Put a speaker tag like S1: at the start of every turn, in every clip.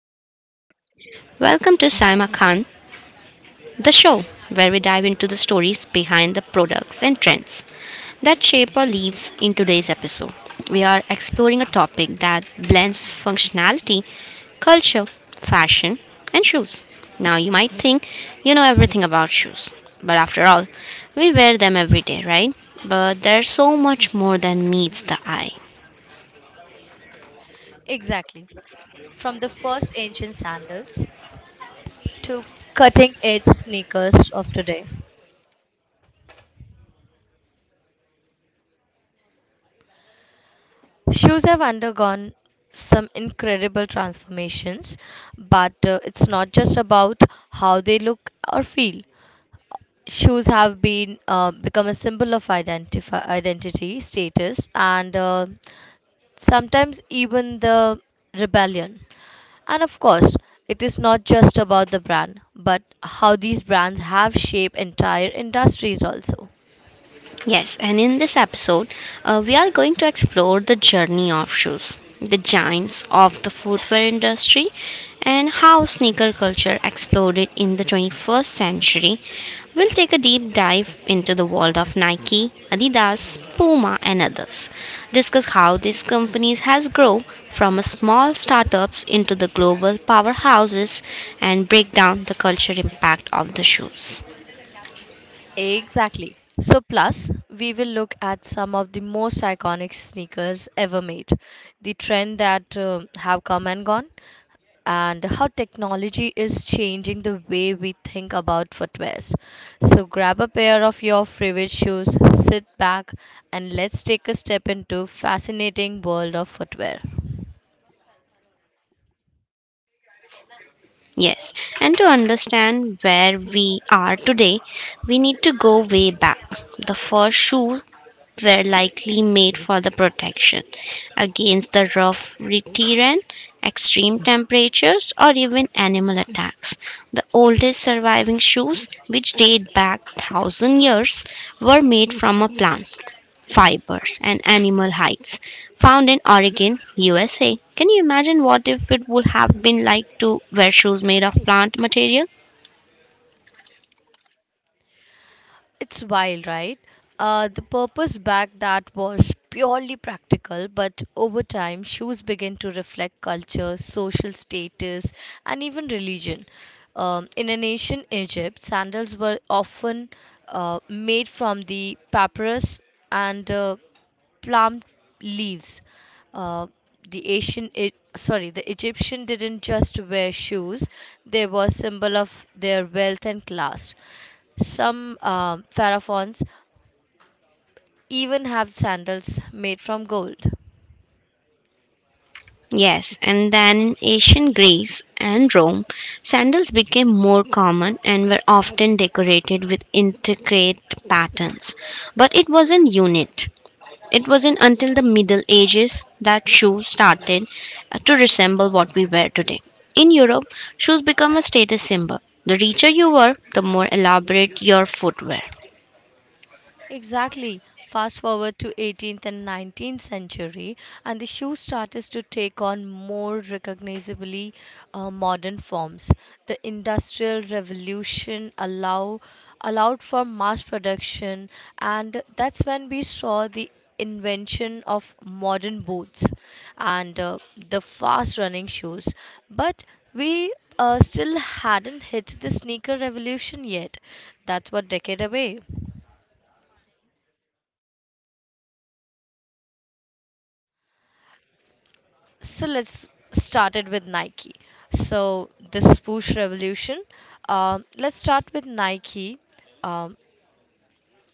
S1: Saima Khan, the show where we dive into the stories behind the products and trends that shape our lives in today's episode. We are exploring a topic that blends functionality, culture, fashion, and shoes. Now, you might think you know everything about shoes, but after all, we wear them every day, right? But there's so much more than meets the eye.
S2: Exactly. From the first ancient sandals to cutting edge sneakers of today, shoes have undergone some incredible transformations, but it's not just about how they look or feel. Shoes have been become a symbol of identity, status, and sometimes even the rebellion. And of course, it is not just about the brand, but how these brands have shaped entire industries also.
S1: Yes, and in this episode, we are going to explore the journey of shoes, the giants of the footwear industry, and how sneaker culture exploded in the 21st century. We'll take a deep dive into the world of Nike, Adidas, Puma, and others. Discuss how these companies has grown from a small startups into the global powerhouses and break down the cultural impact of the shoes.
S2: Exactly. So, plus, we will look at some of the most iconic sneakers ever made, the trend that have come and gone, and how technology is changing the way we think about footwears. So, grab a pair of your favorite shoes, sit back, and let's take a step into fascinating world of footwear.
S1: Yes, and to understand where we are today, we need to go way back. The first shoes were likely made for the protection against the rough terrain, extreme temperatures, or even animal attacks. The oldest surviving shoes, which date back thousand years, were made from a plant fibers and animal hides found in Oregon, USA. Can you imagine what if it would have been like to wear shoes made of plant material?
S2: It's wild, right? The purpose back that was purely practical, but over time, shoes began to reflect culture, social status, and even religion. In an ancient Egypt, sandals were often made from the papyrus and plum leaves. Uh, the Asian, E- sorry, the Egyptian didn't just wear shoes; they were symbol of their wealth and class. Some pharaohs even have sandals made from gold.
S1: Yes, and then in ancient Greece and Rome, sandals became more common and were often decorated with intricate patterns. But it wasn't unit. It wasn't until the Middle Ages that shoes started to resemble what we wear today. In Europe, shoes become a status symbol. The richer you were, the more elaborate your footwear.
S2: Exactly. Fast forward to 18th and 19th century, and the shoe started to take on more recognizably modern forms. The Industrial Revolution allowed for mass production, and that's when we saw the invention of modern boots and the fast running shoes. But we still hadn't hit the sneaker revolution yet. That's what decade away. So let's start it with Nike. So this swoosh revolution. Let's start with Nike. Um,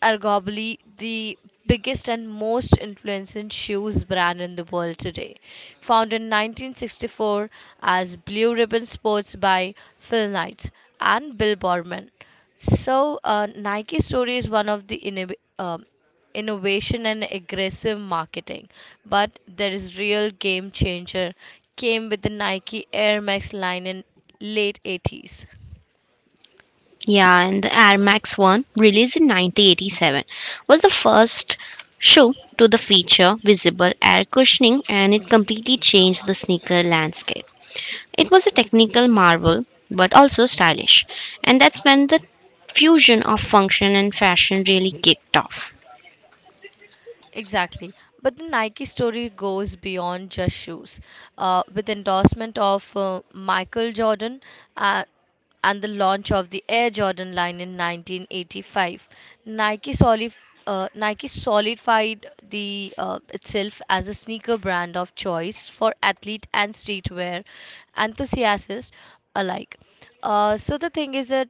S2: Arguably the biggest and most influential shoes brand in the world today. Founded in 1964 as Blue Ribbon Sports by Phil Knight and Bill Borman. So, Nike's story is one of the innovation and aggressive marketing, but there is real game changer came with the Nike Air Max line in late 80s.
S1: Yeah, and the Air Max 1, released in 1987, was the first shoe to the feature visible air cushioning, and it completely changed the sneaker landscape. It was a technical marvel, but also stylish. And that's when the fusion of function and fashion really kicked off.
S2: Exactly. But the Nike story goes beyond just shoes. With endorsement of Michael Jordan uh, and the launch of the Air Jordan line in 1985, Nike solid, Nike solidified the itself as a sneaker brand of choice for athlete and streetwear enthusiasts alike. So the thing is that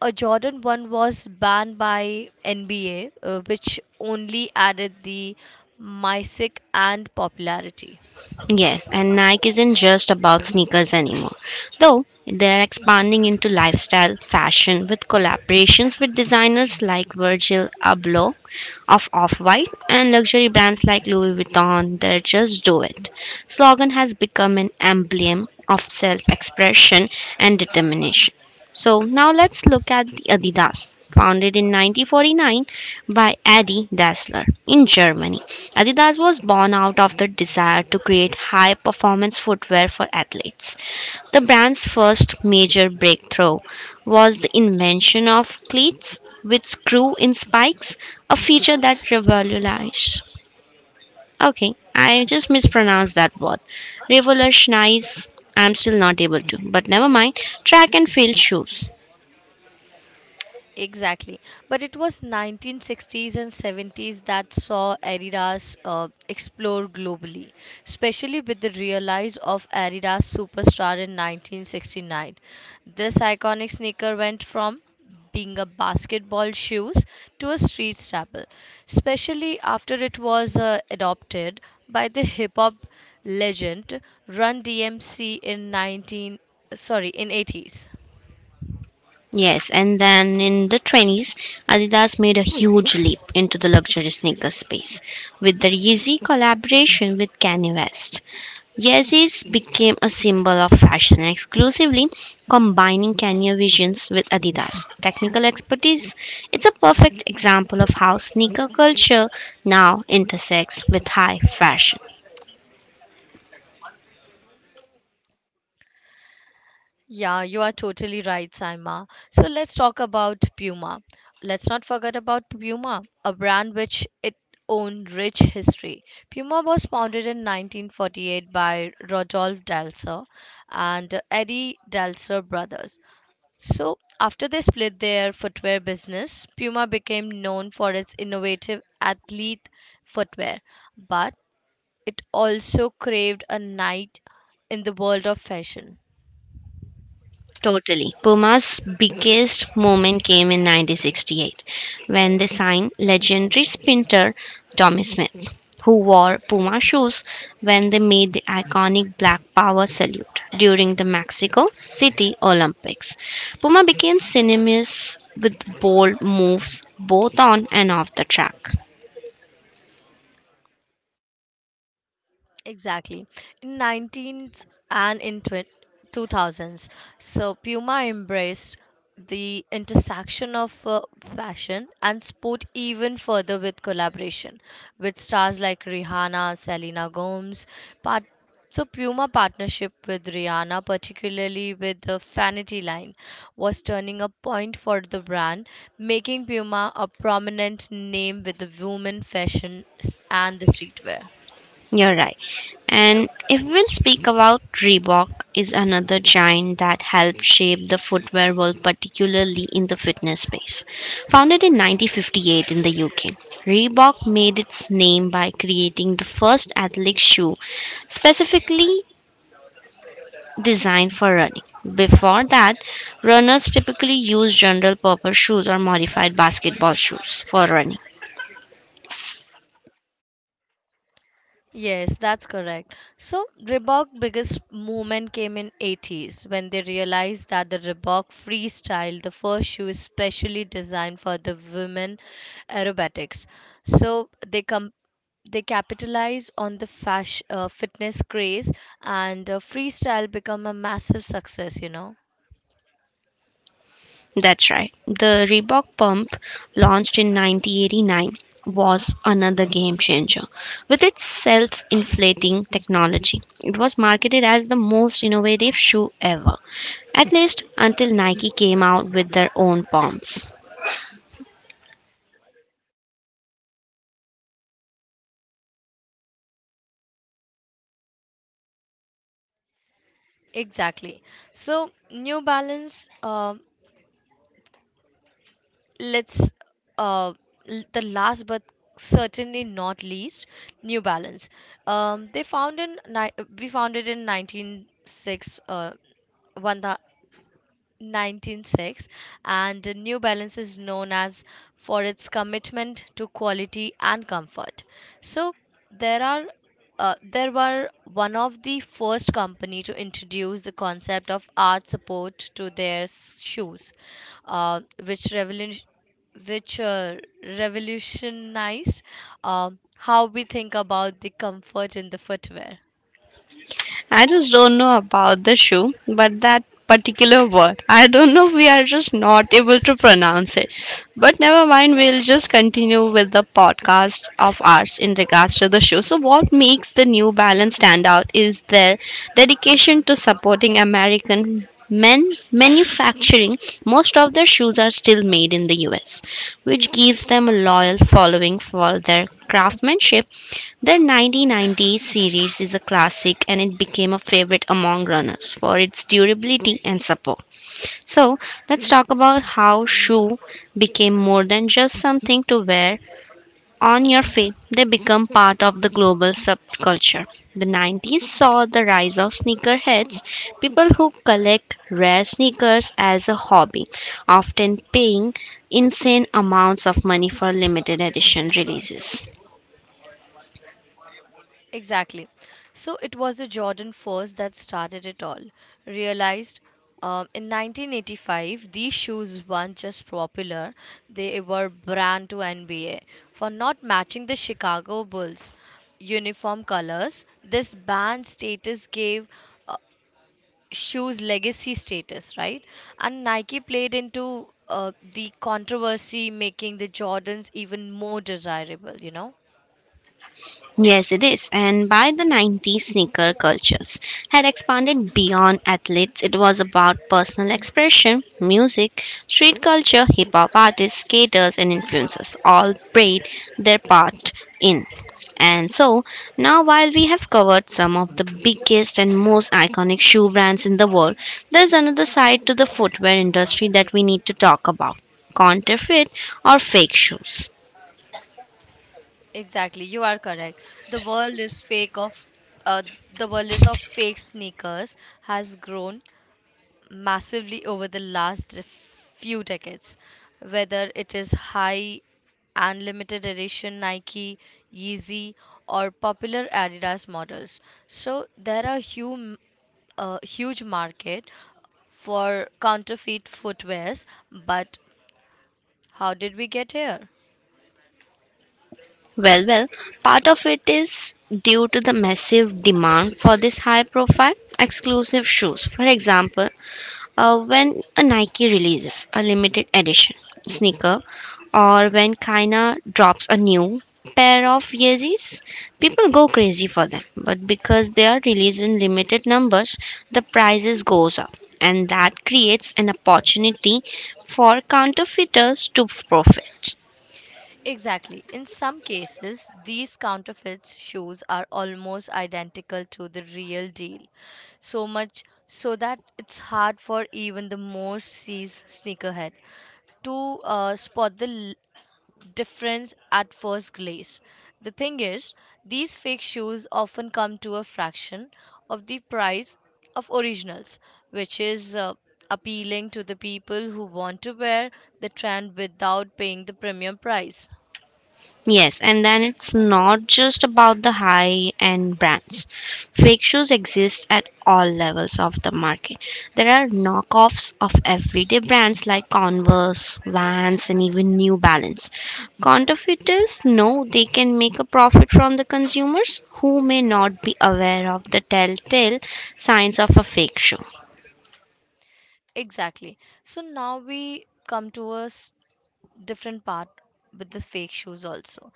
S2: a Jordan 1 was banned by NBA, which only added the mysic and popularity.
S1: Yes, and Nike isn't just about sneakers anymore, though they're expanding into lifestyle fashion with collaborations with designers like Virgil Abloh of Off White and luxury brands like Louis Vuitton. They're just do it. Slogan has become an emblem of self expression and determination. So now let's look at the Adidas, founded in 1949 by Adi Dassler in Germany. Adidas was born out of the desire to create high performance footwear for athletes. The brand's first major breakthrough was the invention of cleats with screw in spikes, a feature that revolutionized. Okay, I just mispronounced that word. Revolutionize. I'm still not able to, but never mind. Track and field shoes.
S2: Exactly. But it was 1960s and 70s that saw Adidas explore globally, especially with the realize of Adidas Superstar in 1969. This iconic sneaker went from being a basketball shoes to a street staple, especially after it was adopted by the hip hop legend Run DMC in 80s.
S1: Yes, and then in the 20s, Adidas made a huge leap into the luxury sneaker space with their Yeezy collaboration with Kanye West. Yeezys became a symbol of fashion exclusively, combining Kanye visions with Adidas technical expertise. It's a perfect example of how sneaker culture now intersects with high fashion.
S2: Yeah, you are totally right, Saima. So let's talk about Puma. Let's not forget about Puma, a brand which it own rich history. Puma was founded in 1948 by Rodolphe Dalser and Eddie Dalser brothers. So after they split their footwear business, Puma became known for its innovative athlete footwear, but it also craved a night in the world of fashion.
S1: Totally. Puma's biggest moment came in 1968 when they signed legendary sprinter Tommy Smith, who wore Puma shoes when they made the iconic Black Power salute during the Mexico City Olympics. Puma became synonymous with bold moves both on and off the track.
S2: Exactly. In 19th and in twen- 2000s, so Puma embraced the intersection of fashion and sport even further with collaboration with stars like Rihanna, Selena Gomez. Part- so Puma partnership with Rihanna, particularly with the Fanity line, was turning a point for the brand, making Puma a prominent name with the women fashion and the streetwear.
S1: You're right. And if we'll speak about Reebok is another giant that helped shape the footwear world, particularly in the fitness space. Founded in 1958 in the UK, Reebok made its name by creating the first athletic shoe specifically designed for running. Before that, runners typically used general purpose shoes or modified basketball shoes for running.
S2: Yes, that's correct. So Reebok biggest movement came in 80s when they realized that the Reebok Freestyle, the first shoe is specially designed for the women aerobatics. So they capitalize on the fashion, fitness craze and freestyle become a massive success.
S1: That's right. The Reebok pump, launched in 1989, was another game changer. With its self inflating technology, it was marketed as the most innovative shoe ever, at least until Nike came out with their own pumps.
S2: Exactly. So New Balance let's uh the last but certainly not least new balance they found in ni- we found it in 196 uh 1000 196, and New Balance is known as for its commitment to quality and comfort. So there are there were one of the first company to introduce the concept of art support to their shoes, uh, which revolution which revolutionized um how we think about the comfort in the footwear.
S1: I just don't know about the shoe, but that particular word, I don't know, we are just not able to pronounce it. But never mind, we'll just continue with the podcast of ours in regards to the shoe. So, what makes the New Balance stand out is their dedication to supporting American Men manufacturing. Most of their shoes are still made in the US, which gives them a loyal following for their craftsmanship. Their 1990 series is a classic, and it became a favorite among runners for its durability and support. So, let's talk about how shoe became more than just something to wear on your feet, they become part of the global subculture. The 90s saw the rise of sneakerheads, people who collect rare sneakers as a hobby, often paying insane amounts of money for limited edition releases.
S2: Exactly. So it was the Jordan first that started it all. Realized in 1985, these shoes weren't just popular, they were brand to NBA. For not matching the Chicago Bulls uniform colors, this ban status gave uh, shoes legacy status, right? And Nike played into the controversy, making the Jordans even more desirable, you know?
S1: Yes, it is. And by the 90s, sneaker cultures had expanded beyond athletes. It was about personal expression, music, street culture, hip hop artists, skaters, and influencers all played their part in. And so, now while we have covered some of the biggest and most iconic shoe brands in the world, there's another side to the footwear industry that we need to talk about counterfeit or fake shoes.
S2: Exactly, you are correct. The world is fake of uh, the world is of fake sneakers has grown massively over the last few decades. Whether it is high and limited edition Nike, Yeezy, or popular Adidas models, so there are a huge market for counterfeit footwears. But how did we get here?
S1: Well, well, part of it is due to the massive demand for these high profile exclusive shoes. For example, when a Nike releases a limited edition sneaker or when Kina drops a new pair of Yeezys, people go crazy for them. But because they are released in limited numbers, the prices goes up, and that creates an opportunity for counterfeiters to profit.
S2: Exactly. In some cases, these counterfeits shoes are almost identical to the real deal, so much so that it's hard for even the most seasoned sneakerhead to spot the l- difference at first glance. The thing is, these fake shoes often come to a fraction of the price of originals, which is appealing to the people who want to wear the trend without paying the premium price.
S1: Yes, and then it's not just about the high end brands. Fake shoes exist at all levels of the market. There are knockoffs of everyday brands like Converse, Vans, and even New Balance. Counterfeiters know they can make a profit from the consumers who may not be aware of the telltale signs of a fake shoe.
S2: Exactly. So now we come to a different part with the fake shoes also,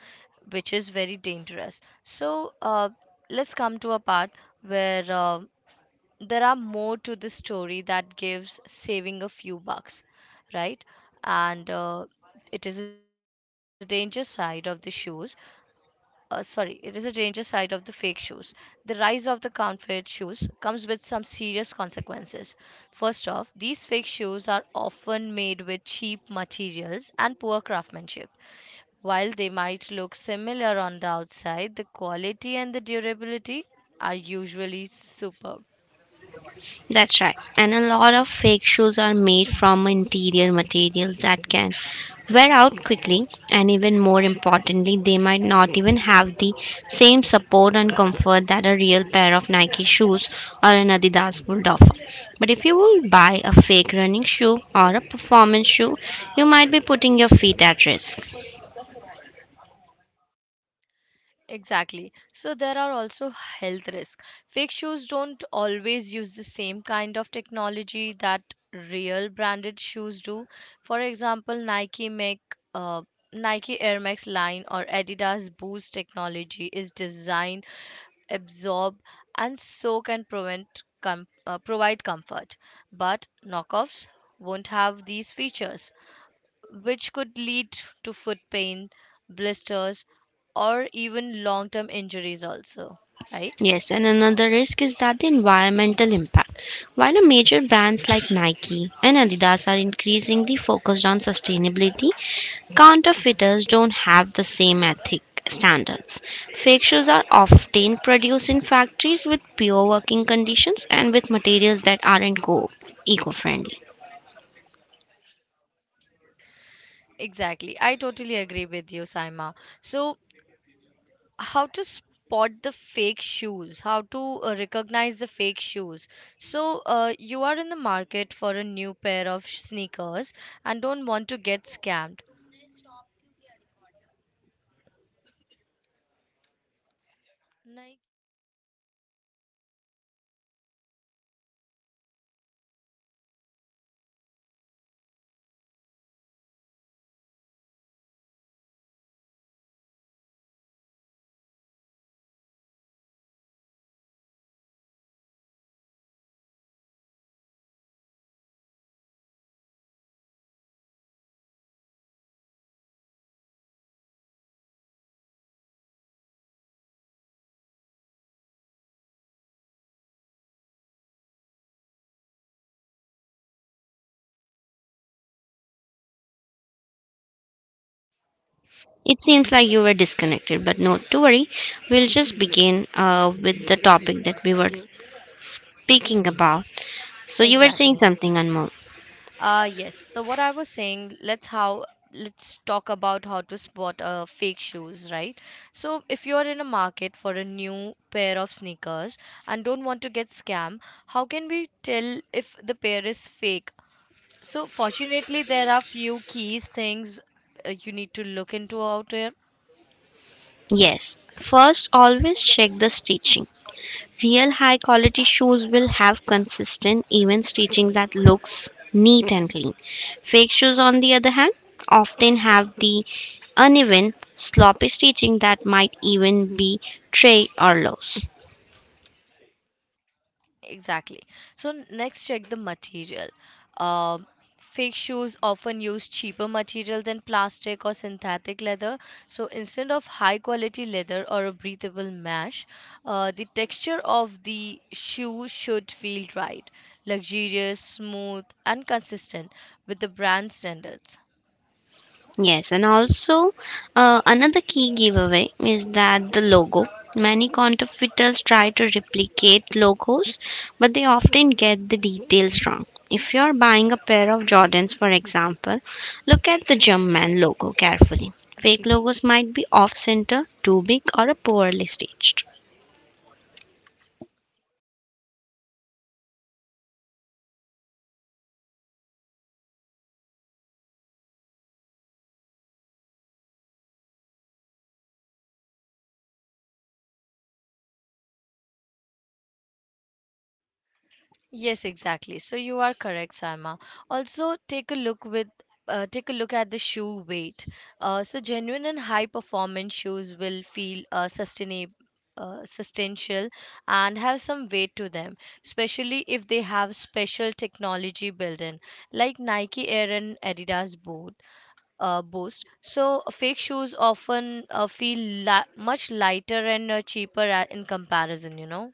S2: which is very dangerous. So let's come to a part where there are more to the story that gives saving a few bucks, right? And it is a danger side of the shoes. Sorry, it is a danger side of the fake shoes. The rise of the counterfeit shoes comes with some serious consequences. First off, these fake shoes are often made with cheap materials and poor craftsmanship. While they might look similar on the outside, the quality and the durability are usually superb.
S1: That's right. And a lot of fake shoes are made from interior materials that can wear out quickly. And even more importantly, they might not even have the same support and comfort that a real pair of Nike shoes or an Adidas would offer. But if you will buy a fake running shoe or a performance shoe, you might be putting your feet at risk.
S2: Exactly. So there are also health risks. Fake shoes don't always use the same kind of technology that real branded shoes do. For example, uh, Nike Air Max line or Adidas Boost technology is designed absorb and soak and provide comfort. But knockoffs won't have these features which could lead to foot pain, blisters, or even long term injuries, also, right?
S1: Yes, and another risk is that the environmental impact. While the major brands like Nike and Adidas are increasingly focused on sustainability, counterfeiters don't have the same ethic standards. Fake shoes are often produced in factories with pure working conditions and with materials that aren't eco-friendly. It seems like you were disconnected, but not to worry. We'll just begin with the topic that we were speaking about. So you were saying
S2: Exactly.
S1: something, Anmol.
S2: Yes. So what I was saying, let's talk about how to spot fake shoes, right? So if you are in a market for a new pair of sneakers and don't want to get scammed, how can we tell if the pair is fake? So fortunately, there are few keys things you need to look into out there.
S1: Yes, first always check the stitching. Real high quality shoes will have consistent, even stitching that looks neat and clean. Fake shoes, on the other hand, often have the uneven, sloppy stitching that might even be tray or loose.
S2: Exactly. So next check the material. Um Fake shoes often use cheaper material than plastic or synthetic leather. So instead of high quality leather or a breathable mesh, the texture of the shoe should feel right, luxurious, smooth, and consistent with the brand standards.
S1: Yes, and also another key giveaway is that the logo. Many counterfeiters try to replicate logos, but they often get the details wrong. If you're buying a pair of Jordans, for example, look at the Jumpman logo carefully. Fake logos might be off center, too big, or poorly staged.
S2: Yes, exactly. So you are correct, Sarma. Also, take a look at the shoe weight. So genuine and high performance shoes will feel sustainable. Substantial and have some weight to them, especially if they have special technology built in, like Nike Air and Adidas both Boost. So fake shoes often feel much lighter and cheaper in comparison. You know.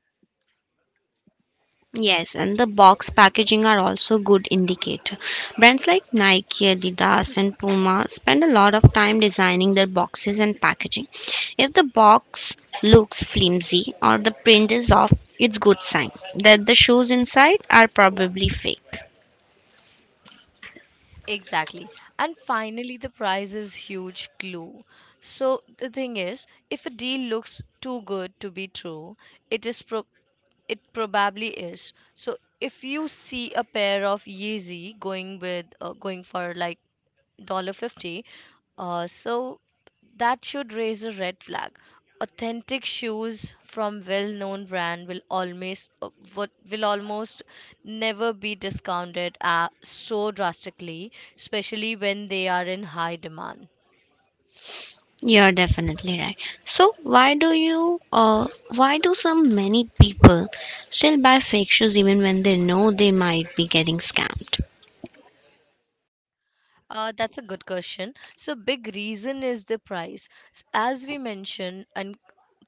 S1: Yes, and the box packaging are also good indicator. Brands like Nike, Adidas, and Puma spend a lot of time designing their boxes and packaging. If the box looks flimsy or the print is off, it's good sign that the shoes inside are probably fake.
S2: Exactly. And finally, the price is huge clue. So the thing is, if a deal looks too good to be true, it is pro- it probably is. So if you see a pair of Yeezy going for like dollar fifty. So that should raise a red flag. Authentic shoes from well-known brand will almost never be discounted so drastically, especially when they are in high demand.
S1: You're definitely right. So why do so many people still buy fake shoes even when they know they might be getting scammed?
S2: That's a good question. So, big reason is the price. As we mentioned, and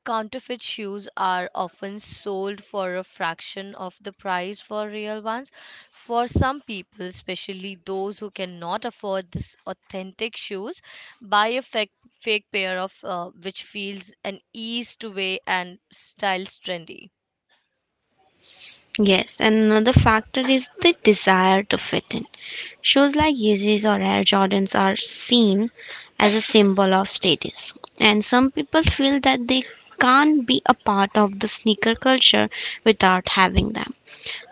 S2: counterfeit shoes are often sold for a fraction of the price for real ones. For some people, especially those who cannot afford this authentic shoes, buy a fake pair of which feels an ease to wear and styles trendy.
S1: Yes, and another factor is the desire to fit in. Shoes like Yeezys or Air Jordans are seen as a symbol of status, and some people feel that they can't be a part of the sneaker culture without having them.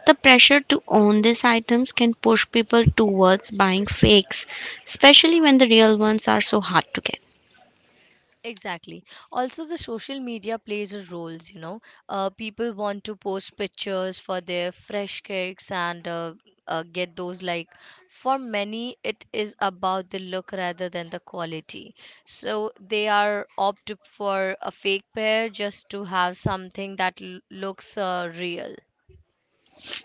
S1: The pressure to own these items can push people towards buying fakes, especially when the real ones are so hard to get.
S2: Exactly. Also, the social media plays a role, you know. People want to post pictures for their fresh cakes and get those like for many it is about the look rather than the quality. So they are opt for a fake pair just to have something that looks real.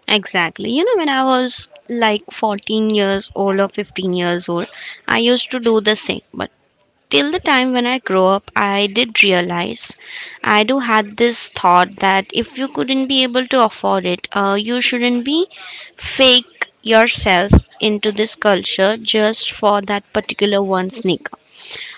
S1: Exactly. You know, when I was like 14 years old or 15 years old, I used to do the same. But till the time when I grow up, I did realize I do had this thought that if you couldn't be able to afford it, you shouldn't be fake yourself into this culture just for that particular one sneaker.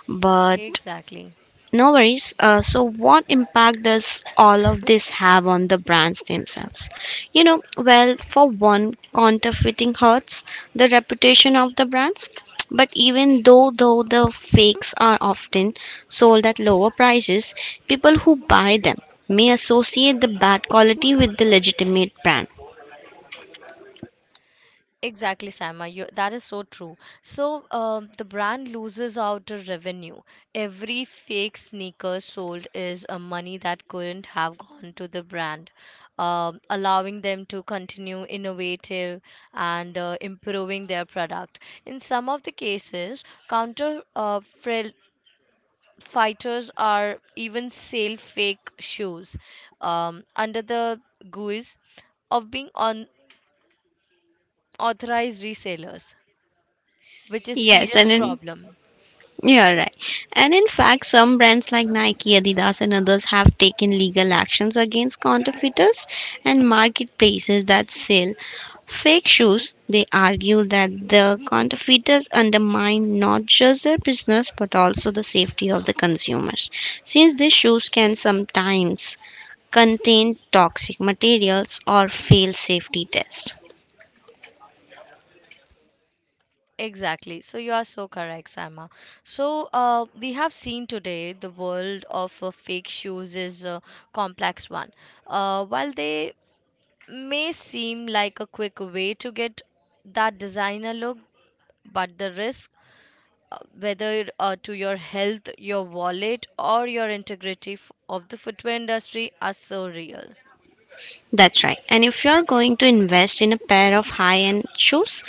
S1: But
S2: Exactly.
S1: no worries. So, what impact does all of this have on the brands themselves? You know, well, for one, counterfeiting hurts the reputation of the brands. But even though the fakes are often sold at lower prices, people who buy them may associate the bad quality with the legitimate brand.
S2: Exactly, Sama. You, that is so true. So the brand loses out the revenue. Every fake sneaker sold is a money that couldn't have gone to the brand, allowing them to continue innovative and improving their product. In some of the cases, counter uh, frail- fighters are even sale fake shoes under the guise of being unauthorized resellers, which is
S1: Yes, and
S2: serious
S1: in
S2: problem.
S1: Yeah, right. And in fact, some brands like Nike, Adidas, and others have taken legal actions against counterfeiters and marketplaces that sell fake shoes. They argue that the counterfeiters undermine not just their business but also the safety of the consumers, since these shoes can sometimes contain toxic materials or fail safety tests.
S2: Exactly, so you are so correct, Sama. So we have seen today the world of fake shoes is a complex one. While they may seem like a quick way to get that designer look, but the risk, uh, whether to your health, your wallet, or your integrity of the footwear industry are so real.
S1: That's right. And if you're going to invest in a pair of high end shoes,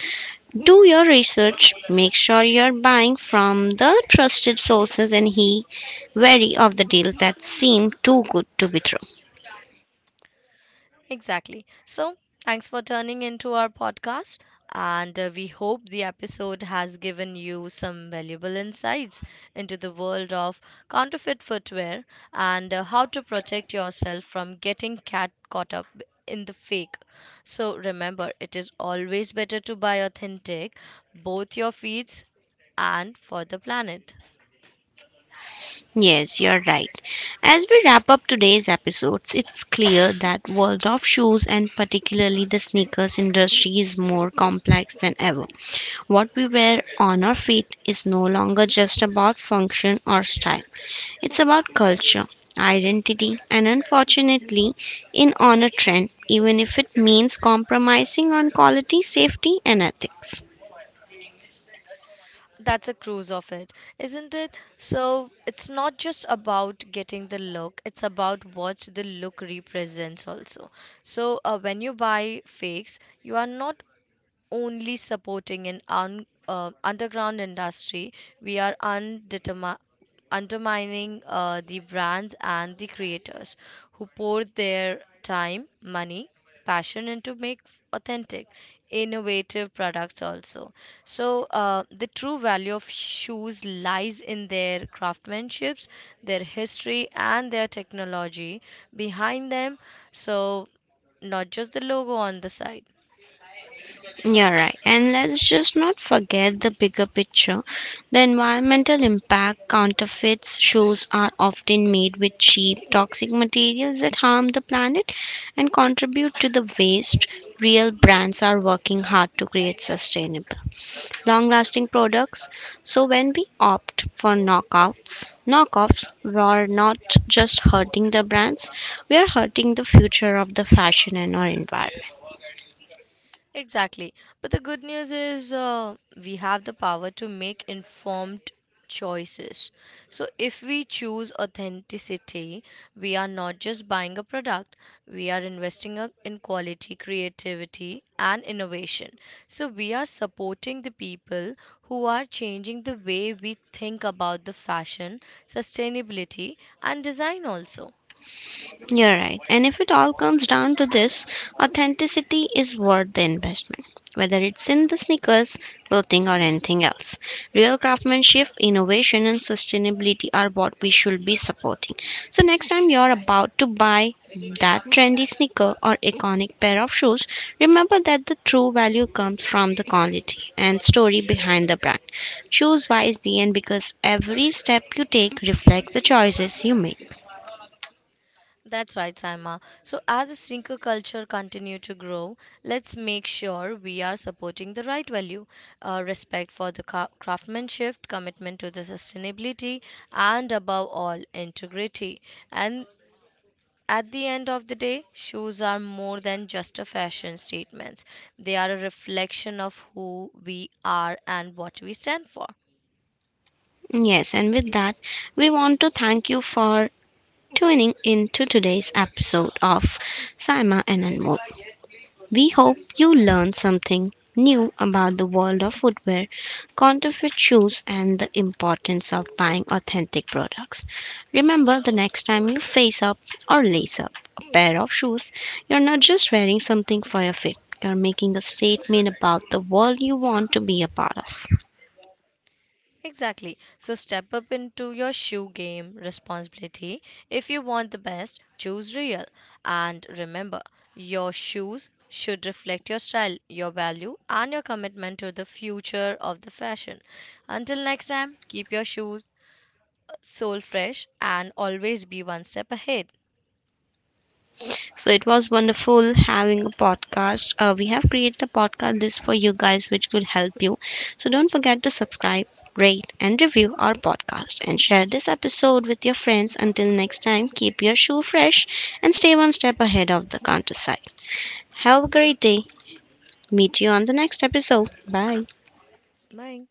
S1: do your research. Make sure you're buying from the trusted sources and he wary of the deals that seem too good to be true.
S2: Exactly. So, thanks for turning into our podcast. And we hope the episode has given you some valuable insights into the world of counterfeit footwear and how to protect yourself from getting cat caught up in the fake. So, remember, it is always better to buy authentic, both your feet and for the planet.
S1: Yes, you're right. As we wrap up today's episodes, it's clear that world of shoes and particularly the sneakers industry is more complex than ever. What we wear on our feet is no longer just about function or style. It's about culture, identity, and unfortunately, in on a trend, even if it means compromising on quality, safety, and ethics.
S2: That's a cruise of it, isn't it? So it's not just about getting the look, it's about what the look represents also. So when you buy fakes, you are not only supporting an underground industry, we are undermining the brands and the creators who pour their time, money, passion into make authentic, innovative products also. So the true value of shoes lies in their craftsmanships, their history, and their technology behind them. So not just the logo on the side.
S1: Yeah, right. And let's just not forget the bigger picture. The environmental impact counterfeits shoes are often made with cheap, toxic materials that harm the planet and contribute to the waste. Real brands are working hard to create sustainable, long lasting products. So when we opt for knockouts, knockoffs, we are not just hurting the brands, we are hurting the future of the fashion and our environment.
S2: Exactly. But the good news is we have the power to make informed choices. So if we choose authenticity, we are not just buying a product, we are investing in quality, creativity, and innovation. So we are supporting the people who are changing the way we think about the fashion, sustainability, and design also.
S1: You're right. And if it all comes down to this, authenticity is worth the investment, whether it's in the sneakers, clothing, or anything else. Real craftsmanship, innovation, and sustainability are what we should be supporting. So, next time you're about to buy that trendy sneaker or iconic pair of shoes, remember that the true value comes from the quality and story behind the brand. Choose wisely, and because every step you take reflects the choices you make.
S2: That's right, Saima. So as the sneaker culture continue to grow, let's make sure we are supporting the right value, respect for the craftsmanship, commitment to the sustainability, and above all, integrity. And at the end of the day, shoes are more than just a fashion statements. They are a reflection of who we are and what we stand for.
S1: Yes, and with that, we want to thank you for tuning in to today's episode of Saima and Anmol. We hope you learned something new about the world of footwear, counterfeit shoes, and the importance of buying authentic products. Remember, the next time you face up or lace up a pair of shoes, you're not just wearing something for your fit, you're making a statement about the world you want to be a part of.
S2: Exactly. So step up into your shoe game responsibility. If you want the best, choose real. And remember, your shoes should reflect your style, your value, and your commitment to the future of the fashion. Until next time, keep your shoes soul fresh and always be one step ahead.
S1: So it was wonderful having a podcast. We have created a podcast list for you guys, which could help you. So don't forget to subscribe, rate, and review our podcast, and share this episode with your friends. Until next time, keep your shoe fresh and stay one step ahead of the countryside. Have a great day. Meet you on the next episode. Bye.
S2: Bye.